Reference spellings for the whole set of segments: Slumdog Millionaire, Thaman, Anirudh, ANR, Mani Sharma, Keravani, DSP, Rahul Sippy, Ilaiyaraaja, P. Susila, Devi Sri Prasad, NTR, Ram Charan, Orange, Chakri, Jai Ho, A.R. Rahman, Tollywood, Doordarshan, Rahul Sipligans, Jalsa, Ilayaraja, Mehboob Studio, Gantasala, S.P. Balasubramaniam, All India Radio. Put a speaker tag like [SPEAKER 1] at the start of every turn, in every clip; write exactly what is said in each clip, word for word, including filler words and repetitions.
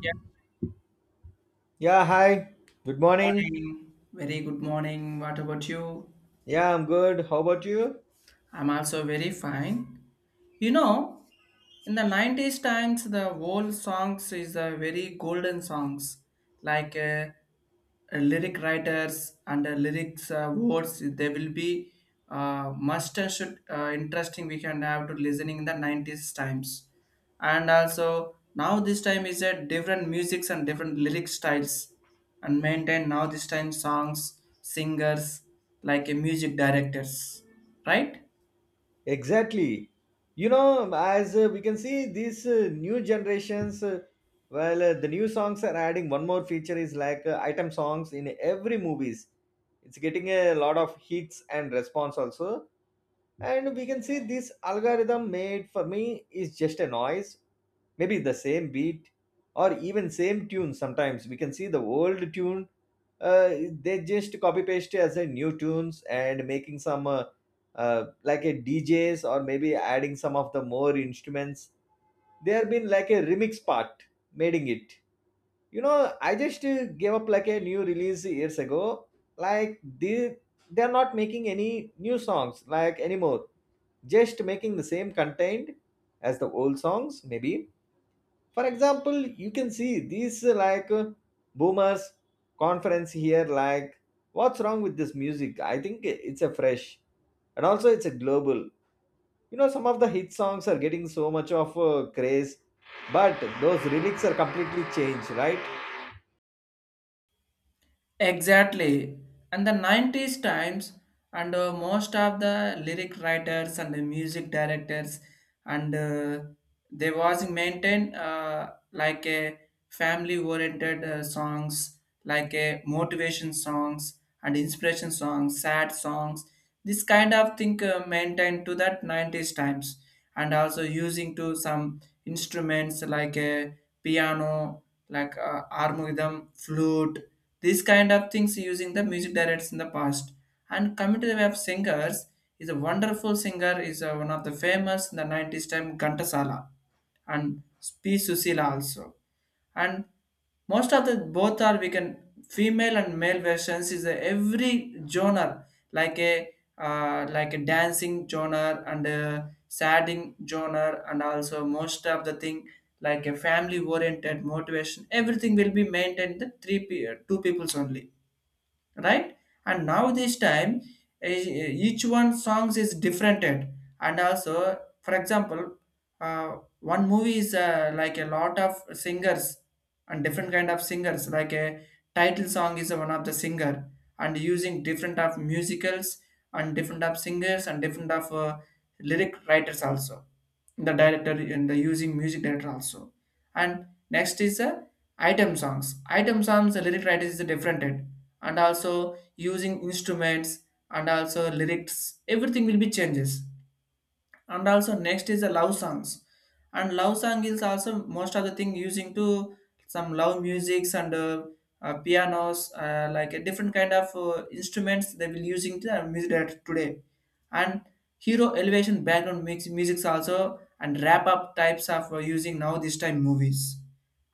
[SPEAKER 1] Yeah,
[SPEAKER 2] Yeah, hi. Good
[SPEAKER 1] good
[SPEAKER 2] morning.
[SPEAKER 1] morning. Very good morning. What about you?
[SPEAKER 2] Yeah, I'm good. How about you?
[SPEAKER 1] I'm also very fine. You know, in the nineties times, the old songs is a very golden songs, like uh, uh, lyric writers and uh, lyrics uh, words. They will be uh, must and should uh, interesting. We can have to listening in the nineties times, and also now this time is a different musics and different lyric styles, and maintain now this time songs singers like a music directors, right?
[SPEAKER 2] Exactly. You know, as uh, we can see, these uh, new generations, uh, well, uh, the new songs are adding one more feature is like uh, item songs in every movies. It's getting a lot of hits and response also. And we can see this algorithm made for me is just a noise, maybe the same beat or even same tune. Sometimes we can see the old tune, uh, they just copy paste as a new tunes and making some uh, uh, like a D Js or maybe adding some of the more instruments. They have been like a remix part, making it. You know, I just uh, gave up like a new release years ago. Like they they are not making any new songs like anymore, just making the same content as the old songs maybe. For example, you can see these uh, like uh, boomers conference here, like what's wrong with this music? I think it's a fresh, and also it's a global. You know, some of the hit songs are getting so much of uh, craze, but those lyrics are completely changed, right?
[SPEAKER 1] Exactly. And the nineties times, and uh, most of the lyric writers and the music directors, and uh, they was maintained uh, like a family-oriented uh, songs, like a motivation songs and inspiration songs, sad songs. This kind of thing uh, maintained to that nineties times, and also using to some instruments like a piano, like uh, harmonium, flute. These kind of things using the music directors in the past. And coming to the way of singers, is a wonderful singer is uh, one of the famous in the nineties time Gantasala, and P. Susila also. And most of the both are we can female and male versions is a every genre, like a uh, like a dancing genre and a sadding genre, and also most of the thing like a family oriented motivation, everything will be maintained the three pe- two peoples only, right? And now this time, eh, each one songs is different, and also for example, uh, one movie is uh, like a lot of singers and different kind of singers, like a title song is one of the singer, and using different of musicals and different of singers and different of uh, lyric writers also, the director and the using music director also. And next is uh, item songs. Item songs, the lyric writing is different, and also using instruments and also lyrics, everything will be changes. And also next is the love songs, and love song is also most of the thing using to some love musics and uh, uh, pianos, uh, like a different kind of uh, instruments they will using to uh, music that today. And hero elevation background mix musics also, and wrap up types of uh, using now this time movies,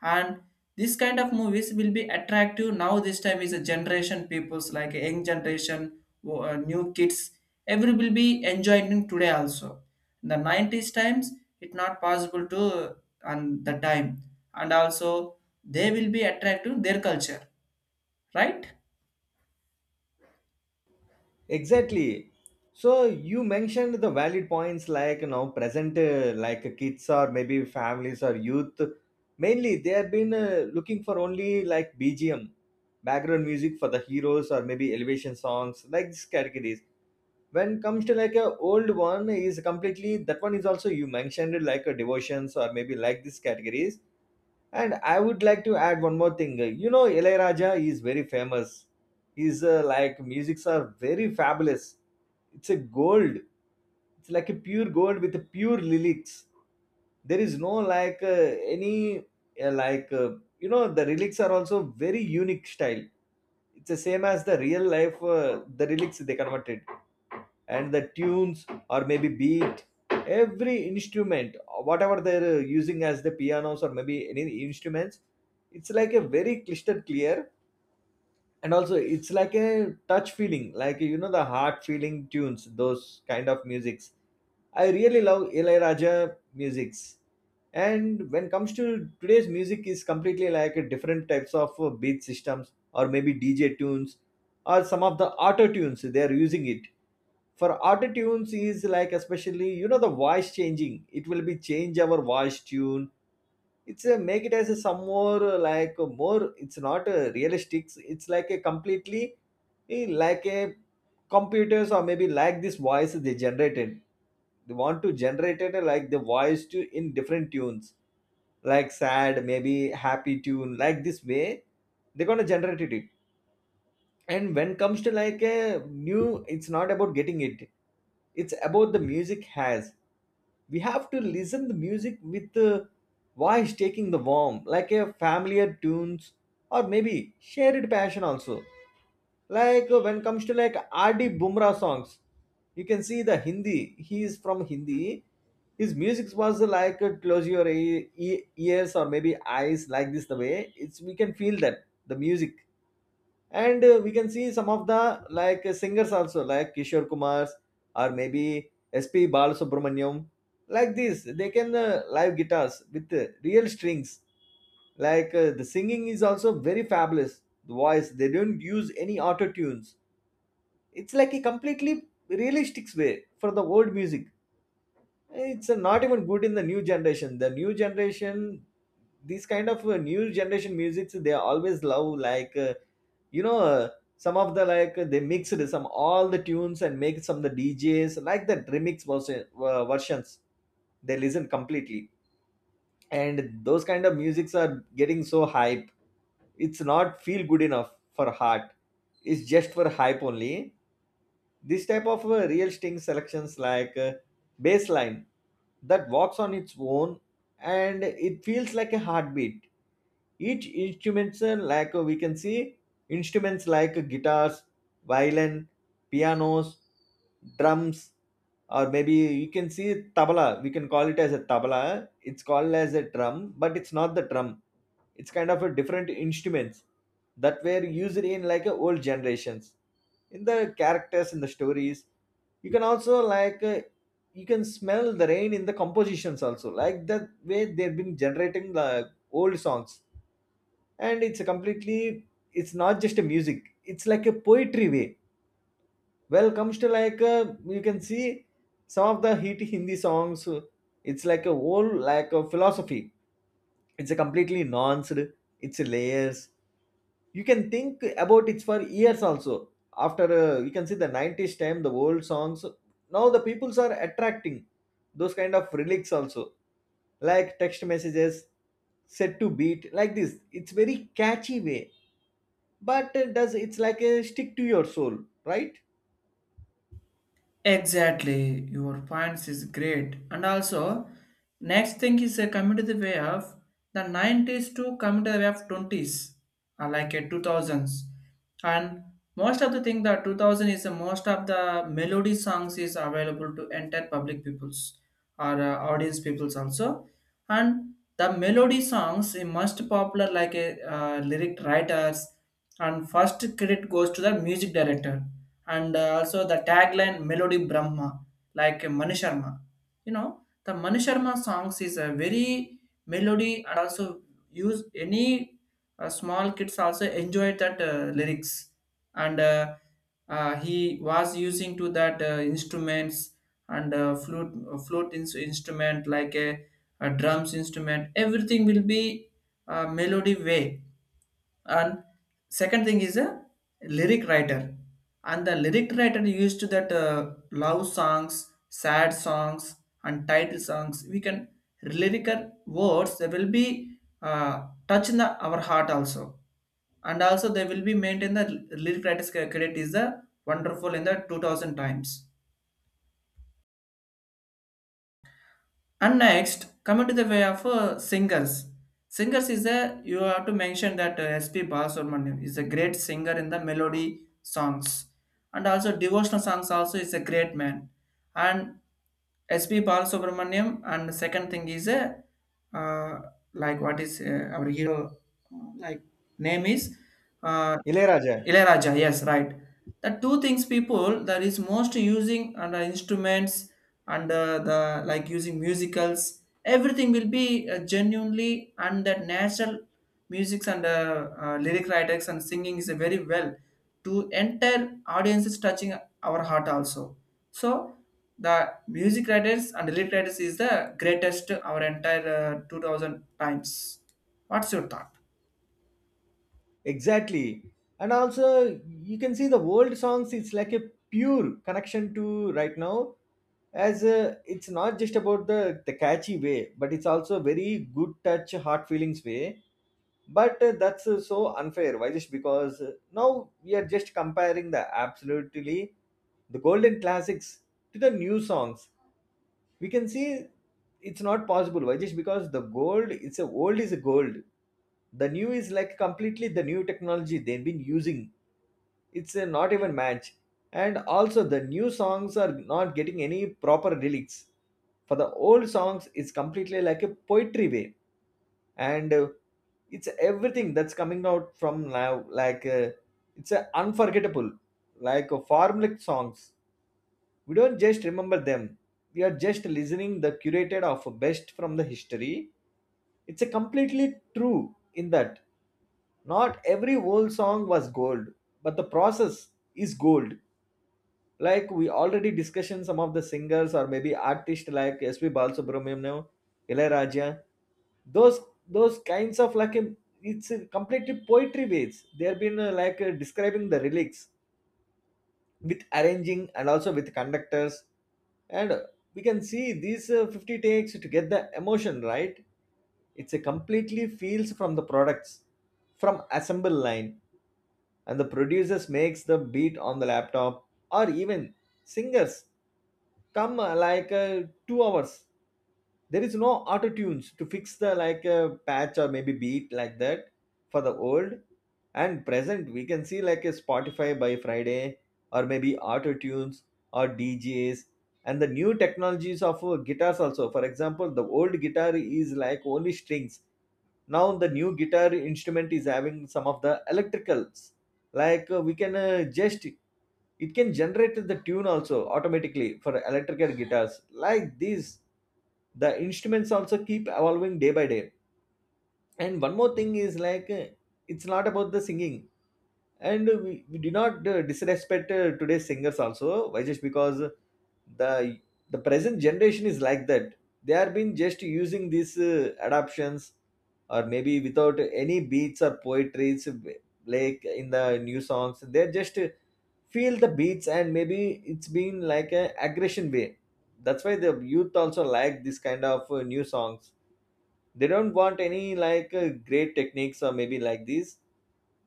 [SPEAKER 1] and this kind of movies will be attractive now this time is a generation people's like young generation, uh, new kids. Every will be enjoying today also. In the nineties times it not possible to uh, on the time, and also they will be attracted to their culture, right?
[SPEAKER 2] Exactly. So you mentioned the valid points like, you know, present uh, like kids or maybe families or youth, mainly they have been uh, looking for only like B G M, background music for the heroes or maybe elevation songs like these categories. When comes to like a old one is completely, that one is also you mentioned like a devotions or maybe like these categories, and I would like to add one more thing. You know, Ilaiyaraaja is very famous. His uh, like musics are very fabulous. It's a gold. It's like a pure gold with a pure lyrics. There is no like uh, any uh, like uh, you know, the lyrics are also very unique style. It's the same as the real life. Uh, the lyrics they converted, and the tunes or maybe beat, every instrument whatever they're using as the pianos or maybe any instruments, it's like a very crystal clear, and also it's like a touch feeling, like you know, the heart feeling tunes, those kind of musics. I really love ilayaraja musics. And when it comes to today's music is completely like a different types of uh, beat systems or maybe dj tunes or some of the auto tunes they are using it. For auto tunes is like, especially you know, the voice changing, it will be change our voice tune. It's a make it as a some more uh, like uh, more. It's not a realistic. It's like a completely eh, like a computers or maybe like this voice they generated. They want to generate it uh, like the voice to in different tunes, like sad, maybe happy tune, like this way. They're gonna generate it. And when comes to like a new, it's not about getting it, it's about the music has, we have to listen the music with the voice, taking the warm like a familiar tunes or maybe shared passion also, like uh, when comes to like rd bumrah songs, you can see the hindi, he is from hindi. His music was uh, like uh, close your e- e- ears or maybe eyes, like this the way it's we can feel that the music. And uh, we can see some of the like uh, singers also like kishore kumars or maybe sp balasubramaniam. Like this, they can uh, live guitars with uh, real strings. Like uh, the singing is also very fabulous, the voice, they don't use any auto tunes. It's like a completely realistic way for the old music. It's uh, not even good in the new generation. The new generation, these kind of uh, new generation musics, they always love like uh, you know uh, some of the like uh, they mixed some all the tunes and make some of the djs like the remix version, uh, versions, they listen completely, and those kind of musics are getting so hype. It's not feel good enough for heart, it's just for hype only. This type of uh, real string selections, like uh, baseline that walks on its own, and it feels like a heartbeat. Each instruments uh, like uh, we can see instruments like uh, guitars, violin, pianos, drums, or maybe you can see tabla. We can call it as a tabla. It's called as a drum, but it's not the drum, it's kind of a different instruments that were used in like a old generations, in the characters in the stories. You can also like uh, you can smell the rain in the compositions also, like that way they've been generating the old songs. And it's a completely, it's not just a music, it's like a poetry way. Well comes to like uh, you can see some of the hit hindi songs uh, it's like a whole like a philosophy, it's a completely nuanced, it's layers, you can think about it for years also. After uh, you can see the nineties time, the old songs, now the peoples are attracting those kind of relics also, like text messages set to beat like this, it's very catchy way. But uh, does it's like a stick to your soul, right?
[SPEAKER 1] Exactly, your points is great. And also, next thing is uh, coming to the way of the nineties to coming to the way of twenties, uh, like a two thousands. And most of the thing that two thousand is uh, most of the melody songs is available to entire public peoples or uh, audience peoples also. And the melody songs is most popular, like a uh, lyric writers, and first credit goes to the music director, and uh, also the tagline melody brahma, like Mani Sharma. You know, the Mani Sharma songs is a very melody, and also use any uh, small kids also enjoy that uh, lyrics, and uh, uh, he was using to that uh, instruments, and uh, flute. Flute ins- instrument like a, a drums instrument, everything will be uh, melody way. And second thing is a lyric writer, and the lyric writer used to that uh, love songs, sad songs and title songs. We can lyrical words, they will be uh, touch in the, our heart also, and also they will be maintained the lyric writer's credit is the wonderful in the two thousand times. And next, coming to the way of uh, singers. Singers is a you have to mention that uh, S P. Balasubramanian is a great singer in the melody songs, and also devotional songs also is a great man. And S P. Balasubramaniam and the second thing is a uh, like what is uh, our hero uh, like name is uh,
[SPEAKER 2] ilayaraja.
[SPEAKER 1] Ilayaraja, yes, right. The two things people that is most using and uh, instruments, and uh, the like using musicals, everything will be uh, genuinely and that natural musics, and uh, uh, lyric writers and singing is a very well to enter audiences touching our heart also. So the music writers and lyric writers is the greatest our entire uh, two thousand times. What's your thought?
[SPEAKER 2] Exactly. And also, you can see the old songs, it's like a pure connection to right now, as uh, it's not just about the, the catchy way, but it's also very good touch, heart feelings way. But uh, that's uh, so unfair. Why? Just because uh, now we are just comparing the absolutely the golden classics to the new songs, we can see it's not possible. Why? Just because the gold, it's a old is a gold, the new is like completely the new technology they've been using, it's a not even match. And also the new songs are not getting any proper lyrics. For the old songs, it's completely like a poetry way. And uh, it's everything that's coming out from now, like uh, it's a unforgettable, like uh, formulaic songs, we don't just remember them, we are just listening the curated of best from the history. It's a completely true in that not every old song was gold, but the process is gold. Like we already discussed some of the singers or maybe artists like sp balasubramaniam, ilayaraja, those those kinds of like a- it's a completely poetry ways, they have been uh, like uh, describing the relics with arranging and also with conductors. And we can see these uh, fifty takes to get the emotion right. It's a completely feels from the products, from assemble line, and the producers makes the beat on the laptop, or even singers come uh, like uh, two hours. There is no auto tunes to fix the like a patch or maybe beat like that for the old. And present we can see like a spotify by friday, or maybe auto tunes, or djs, and the new technologies of uh, guitars also. For example, the old guitar is like only strings, now the new guitar instrument is having some of the electricals. Like uh, we can uh, just, it can generate the tune also automatically for electrical guitars. Like these, the instruments also keep evolving day by day. And one more thing is like uh, it's not about the singing. And we, we do not uh, disrespect uh, today's singers also. Why? Just because the the present generation is like that. They are been just using these uh, adaptions or maybe without any beats or poetries, like in the new songs they're just uh, feel the beats and maybe it's been like a aggression way. That's why the youth also like this kind of uh, new songs. They don't want any like uh, great techniques or maybe like this.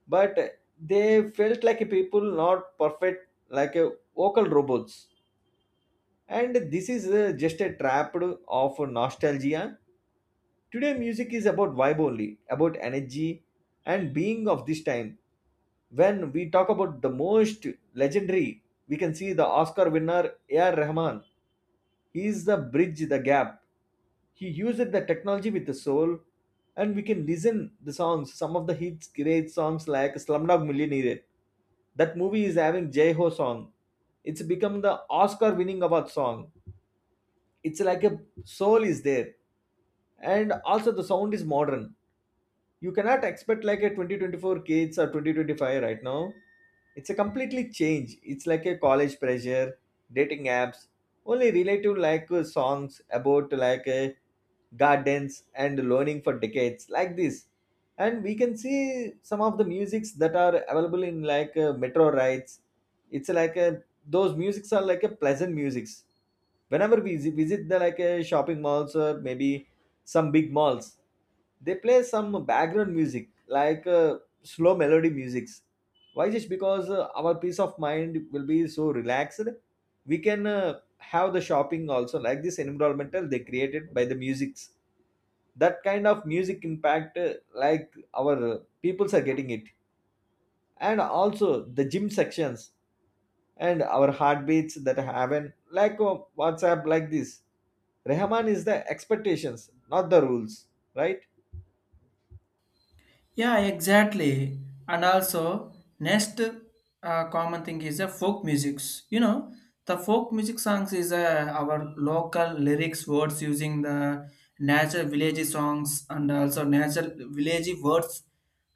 [SPEAKER 2] But uh, they felt like a people not perfect, like a vocal robots, and this is uh, just a trap of nostalgia. Today music is about vibe only, about energy and being of this time. When we talk about the most legendary, we can see the Oscar winner A R. Rahman. He is the bridge the gap. He used the technology with the soul, and we can listen the songs. Some of the hits, great songs like Slumdog Millionaire. That movie is having Jai Ho song. It's become the Oscar winning award song. It's like a soul is there, and also the sound is modern. You cannot expect like a twenty twenty-four kids or twenty twenty-five right now. It's a completely change. It's like a college pressure, dating apps, only relative like uh, songs about like uh, gardens and learning for decades like this. And we can see some of the musics that are available in like uh, metro rides. It's like a, those musics are like a pleasant musics whenever we visit, visit the like a shopping malls or maybe some big malls. They play some background music like uh, slow melody musics. Why? Just because uh, our peace of mind will be so relaxed, we can uh, have the shopping also like this environmental they created by the musics. That kind of music impact uh, like our uh, peoples are getting it, and also the gym sections and our heartbeats that happen like uh, WhatsApp like this. Rahman is the expectations, not the rules, right?
[SPEAKER 1] Yeah, exactly. And also, next uh, common thing is the folk musics. You know, the folk music songs is uh, our local lyrics words using the natural village songs, and also natural village words,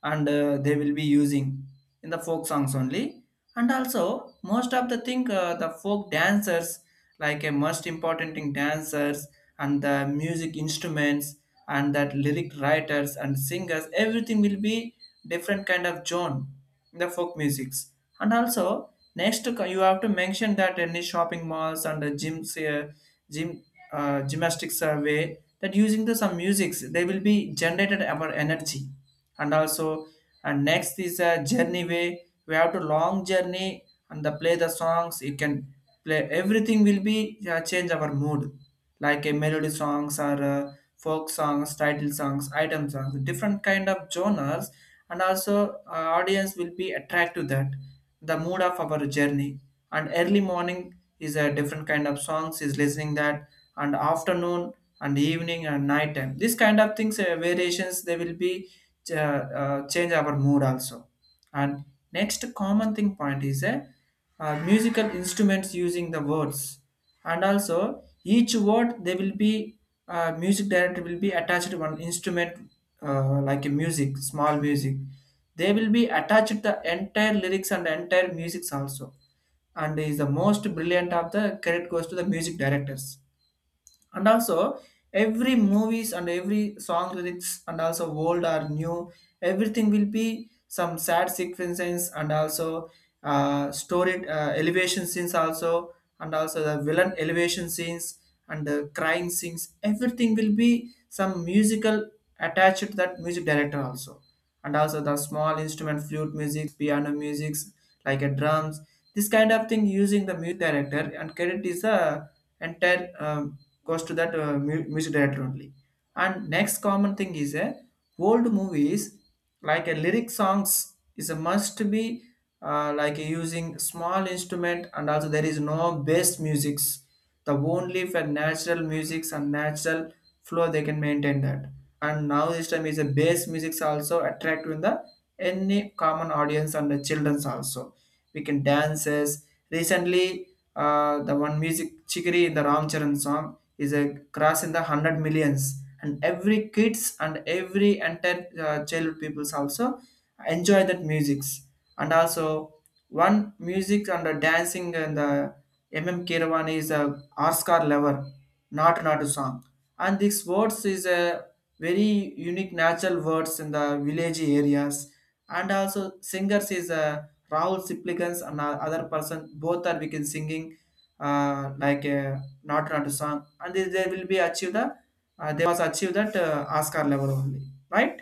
[SPEAKER 1] and uh, they will be using in the folk songs only. And also most of the thing, uh, the folk dancers, like a most important thing dancers, and the music instruments and that lyric writers and singers, everything will be different kind of genre in the folk musics. And also next co- you have to mention that any shopping malls and the gyms, uh, gym uh, gymnastics survey that using the some musics, they will be generated our energy. And also, and next is a journey way. We have to long journey and the play the songs, you can play. Everything will be uh, change our mood, like a melody songs or uh, folk songs, title songs, item songs, different kind of genres. And also uh, audience will be attracted to that, the mood of our journey. And early morning is a different kind of songs is listening that, and afternoon and evening and night time. This kind of things uh, variations, they will be uh, uh, change our mood also. And next common thing point is a uh, musical instruments using the words, and also each word they will be uh, music director will be attached to one instrument, uh, like a music small music they will be attached the entire lyrics and entire musics also. And is the most brilliant of the credit goes to the music directors. And also every movies and every song lyrics, and also old or new, everything will be some sad sequences, and also uh, story uh, elevation scenes also, and also the villain elevation scenes and the crying scenes, everything will be some musical attached to that music director also. And also the small instrument, flute music, piano musics, like a drums. This kind of thing using the music director, and credit is a entire um, goes to that uh, mu- music director only. And next common thing is a old movies, like a lyric songs is a must be uh, like using small instrument, and also there is no bass musics. The only for natural musics and natural flow they can maintain that. And now this time is a bass musics also attract in the any common audience and the childrens also. We can dances recently, uh, the one music chikiri in the Ram Charan song is a cross in the one hundred millions, and every kids and every entire uh, child peoples also enjoy that musics. And also one music and the dancing and the mm Keravani is a Oscar lover, not not a song, and these words is a very unique natural words in the village areas. And also singers is uh, Rahul Sipligans and o- other person, both are we can singing uh, like uh, not not a song, and they, they will be achieve the uh, they must achieve that uh, Oscar level only, right?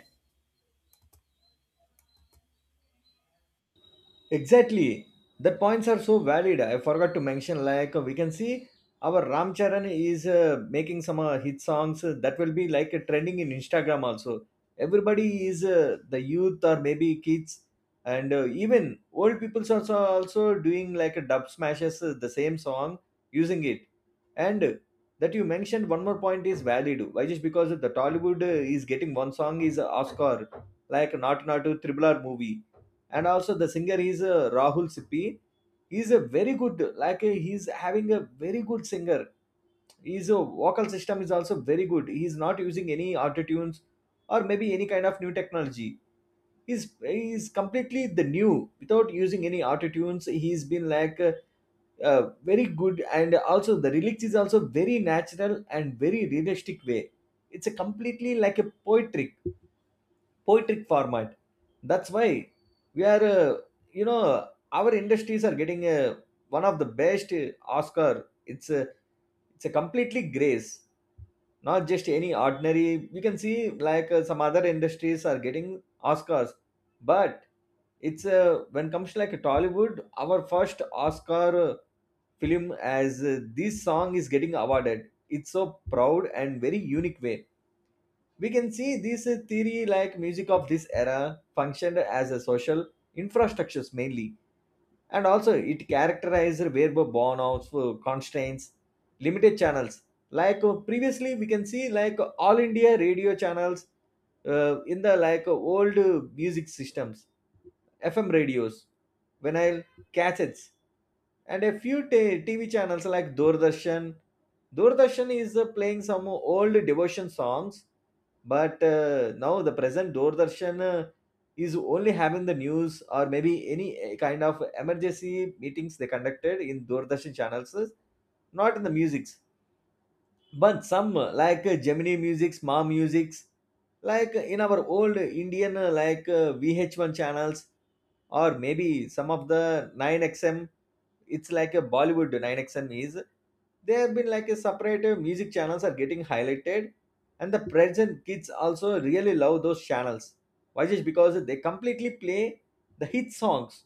[SPEAKER 2] Exactly. The points are so valid. I forgot to mention, like, we can see our Ram Charan is uh, making some uh, hit songs uh, that will be like uh, trending in Instagram also. Everybody is uh, the youth or maybe kids, and uh, even old people also also doing like a dub smashes uh, the same song using it. And uh, that you mentioned one more point is valid. Why just because the Tollywood uh, is getting one song is Oscar, like Not Not Triple R movie. And also the singer is uh, Rahul Sippy. He's a very good like uh, he's having a very good singer. His uh, vocal system is also very good. He's not using any auto tunes or maybe any kind of new technology. He's he's completely the new, without using any auto tunes. He's been like uh, uh, very good, and also the lyrics is also very natural and very realistic way. It's a completely like a poetry, poetic format. That's why we are, uh, you know, our industries are getting uh, one of the best uh, Oscar. It's a it's a completely grace, not just any ordinary. You can see like uh, some other industries are getting Oscars, but it's uh, when comes to like Tollywood, our first Oscar uh, film as uh, this song is getting awarded. It's so proud and very unique way we can see this uh, theory like music of this era functioned as a social infrastructures mainly, and also it characterized verbal burnouts uh, constraints, limited channels. Like uh, previously we can see like all India radio channels uh, in the like uh, old uh, music systems, F M radios, vinyl, cassettes, and a few t- TV channels like Doordarshan. Doordarshan is uh, playing some old devotion songs, but uh, now the present Doordarshan uh, is only having the news or maybe any uh, kind of emergency meetings they conducted in Doordarshan channels, not in the musics, but some uh, like uh, gemini musics ma musics, like uh, in our old Indian uh, like uh, V H one channels or maybe some of the nine X M. It's like a Bollywood nine X M is there. Have been like a separate uh, music channels are getting highlighted, and the present kids also really love those channels. Why? Just because they completely play the hit songs,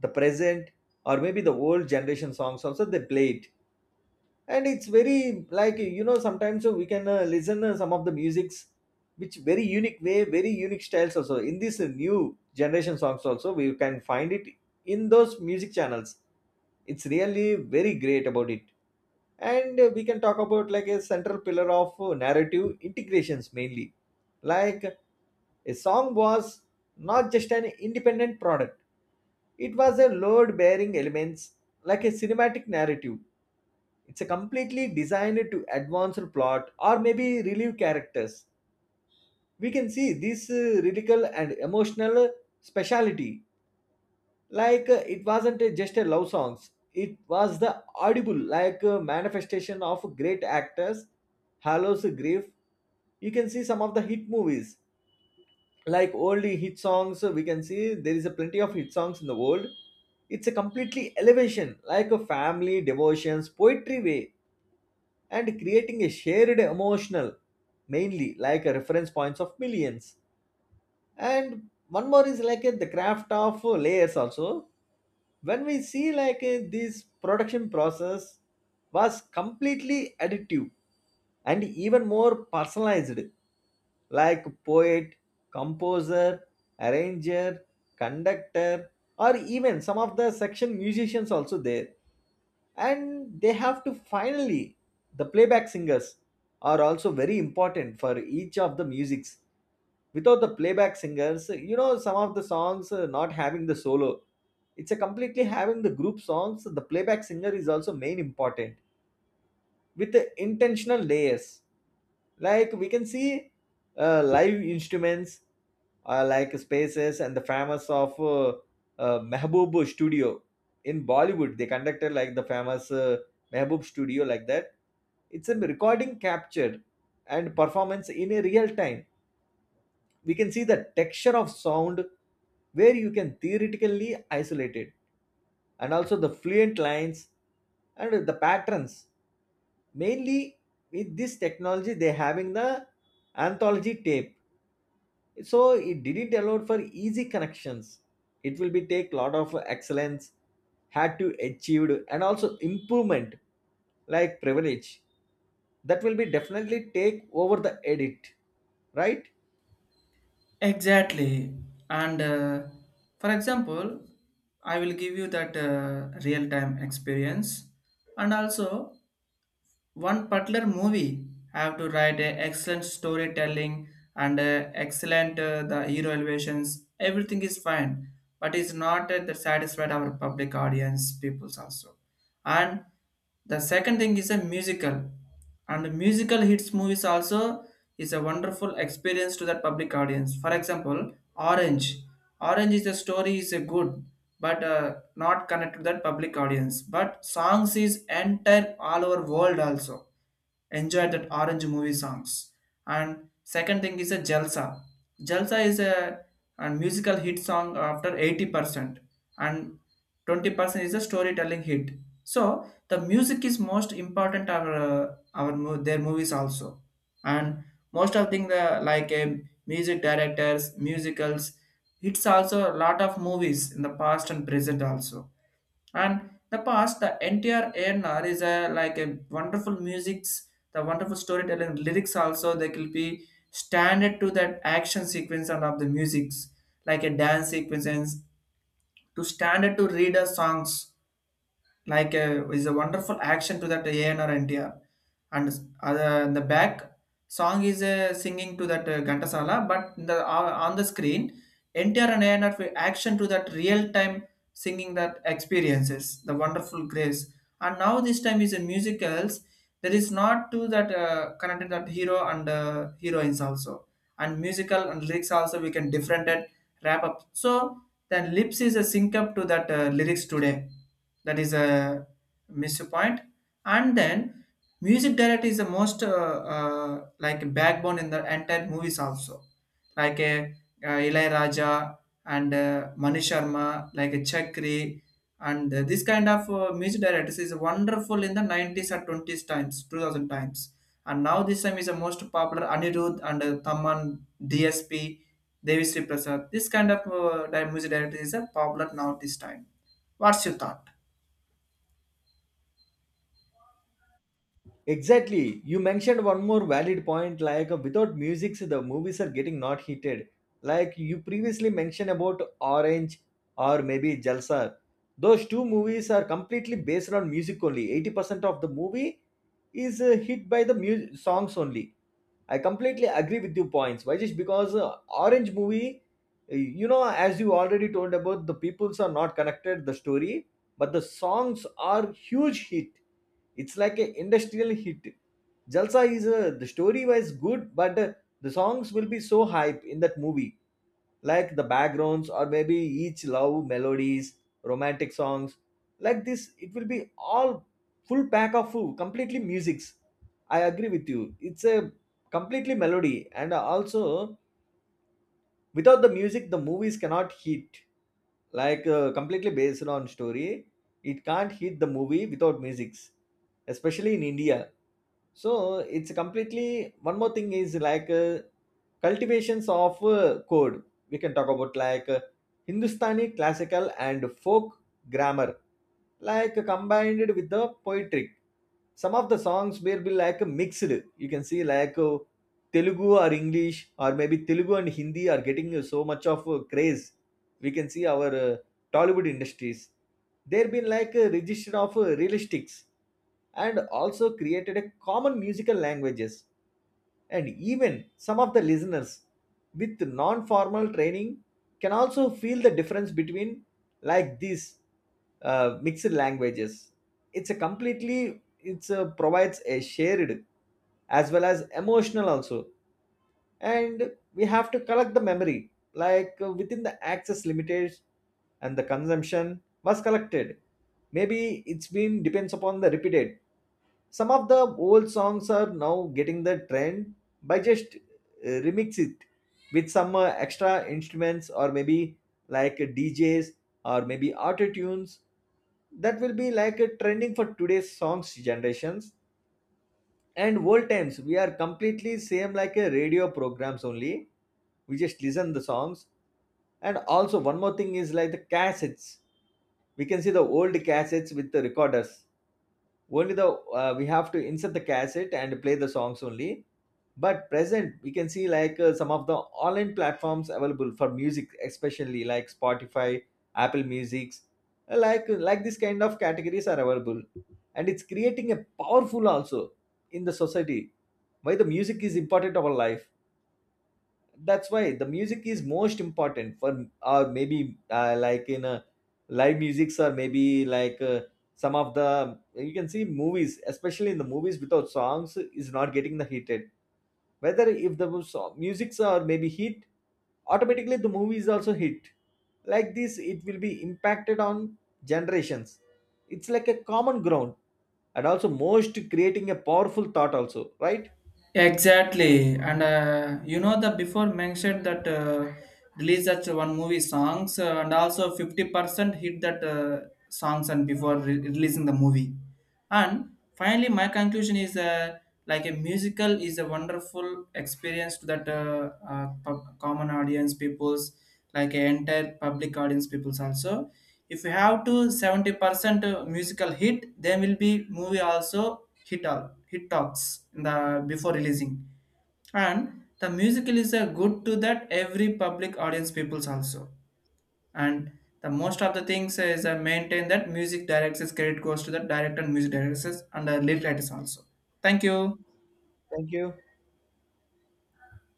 [SPEAKER 2] the present or maybe the old generation songs also they play it. And it's very like you know sometimes uh, we can uh, listen uh, some of the musics which very unique way, very unique styles also in this uh, new generation songs also we can find it in those music channels. It's really very great about it. And uh, we can talk about like a central pillar of uh, narrative integrations mainly, like a song was not just an independent product. It was a load bearing elements like a cinematic narrative. It's a completely designed to advance the plot or maybe relieve characters. We can see this uh, lyrical and emotional speciality. Like uh, it wasn't uh, just a love songs. It was the audible like uh, manifestation of great actors, hallows grief. You can see some of the hit movies, like old hit songs. We can see there is a plenty of hit songs in the world. It's a completely elevation like a family devotions poetry way, and creating a shared emotional mainly like a reference points of millions. And one more is like a, the craft of uh, layers also. When we see like uh, this production process was completely additive and even more personalized. Like poet, composer, arranger, conductor, or even some of the section musicians also there. And they have to finally the playback singers are also very important for each of the musics. Without the playback singers, you know, some of the songs uh, not having the solo. It's a completely having the group songs. The playback singer is also main important with the intentional layers. Like we can see uh, live instruments, uh, like spaces and the famous of uh, uh, Mehboob Studio. In Bollywood they conducted like the famous uh, Mehboob Studio like that. It's a recording captured and performance in a real time. We can see the texture of sound where you can theoretically isolate it, and also the fluent lines and the patterns mainly. With this technology they having the anthology tape, so it didn't allow for easy connections. It will be take lot of excellence had to achieved, and also improvement like privilege that will be definitely take over the edit, right?
[SPEAKER 1] Exactly. and uh, For example, I will give you that uh, real time experience. And also one particular movie I have to write a excellent storytelling, and uh, excellent uh, the hero elevations, everything is fine, but it's not uh, that satisfied our public audience peoples also. And the second thing is a musical, and the musical hits movies also is a wonderful experience to that public audience. For example, Orange. Orange is the story is a good, but uh, not connect to that public audience. But songs is entire all over world also. Enjoy that Orange movie songs. And second thing is a Jalsa. Jalsa is a, a musical hit song after eighty percent, and twenty percent is a storytelling hit. So the music is most important our uh, our mo- their movies also. And most of thing the like a music directors, musicals, hits also a lot of movies in the past and present also. And the past the N T R a N R is a, like a wonderful music's, the wonderful storytelling lyrics also. They could be standard to that action sequence and of the musics, like a dance sequences to standard to reader songs, like uh, is a wonderful action to that A N R N T R. and uh, the back song is uh, singing to that uh, Gantasala, but the uh, on the screen N T R and A N R fi- action to that real time singing, that experiences the wonderful grace. And now this time is a musicals, there is not to that uh, connected that hero and uh, heroines also, and musical and lyrics also we can different and wrap up. So then lips is a sync up to that uh, lyrics today, that is a miss point. And then music director is the most uh, uh, like backbone in the entire movies also, like a uh, uh, Ilai Raja, and uh, Mani Sharma, like a Chakri, and uh, this kind of uh, music directors is wonderful in the nineties or twenties times two thousand times. And now this time is the most popular Anirudh and uh, Thaman, D S P, Devi Sri Prasad. This kind of uh, di- music director is a popular now this time. What's your thought?
[SPEAKER 2] Exactly. You mentioned one more valid point like uh, without music so the movies are getting not heated. Like you previously mentioned about Orange or maybe Jalsa. Those two movies are completely based on music only. eighty percent of the movie is uh, hit by the mu- songs only. I completely agree with your points. Why just because uh, Orange movie, uh, you know, as you already told about the peoples are not connected the story, but the songs are huge hit. It's like an industrial hit. Jalsa is a, the story was good, but uh, the songs will be so hype in that movie, like the backgrounds or maybe each love melodies, romantic songs. Like this it will be all full pack of full completely musics. I agree with you. It's a completely melody, and also without the music the movies cannot hit, like uh, completely based on story. It can't hit the movie without musics, especially in India. So it's completely one more thing is like uh, cultivations of uh, code. We can talk about like uh, Hindustani classical and folk grammar, like combined with the poetry. Some of the songs will be like mixed. You can see like uh, Telugu or English or maybe Telugu and Hindi are getting so much of uh, craze. We can see our uh, Tollywood industries there been like a register of uh, realistics, and also created a common musical languages. And even some of the listeners with non formal training can also feel the difference between like these uh, mixed languages. It's a completely, it's a, provides a shared as well as emotional also. And we have to collect the memory like uh, within the access limitations, and the consumption was collected, maybe it's been depends upon the repeated. Some of the old songs are now getting the trend by just uh, remix it with some uh, extra instruments or maybe like D Js or maybe auto tunes. That will be like a trending for today's songs generations. And old times we are completely same like a radio programs only. We just listen the songs. And also one more thing is like the cassettes. We can see the old cassettes with the recorders. Only the uh, we have to insert the cassette and play the songs only. But present we can see like uh, some of the online platforms available for music, especially like Spotify, Apple Musics, like uh, like this kind of categories are available. And it's creating a powerful also in the society. Why the music is important of our life? That's why the music is most important for or maybe uh, like in uh, live musics or maybe like uh, some of the you can see movies, especially in the movies without songs is not getting the heated. Whether if the song, musics are maybe hit, automatically the movie is also hit. Like this it will be impacted on generations. It's like a common ground, and also most creating a powerful thought also, right?
[SPEAKER 1] Exactly, and uh, you know, the before mentioned that uh, release that one movie songs uh, and also fifty percent hit that uh, songs and before re- releasing the movie, and finally my conclusion is uh, like a musical is a wonderful experience to that uh, uh, pub- common audience peoples, like an entire public audience peoples also. If you have to seventy percent musical hit, then will be movie also hit, all hit talks in the before releasing. And the musical is a good to that every public audience peoples also. And the most of the things is uh, maintain that music directors credit goes to the director and music directors and the lead writers also. Thank you.
[SPEAKER 2] Thank you.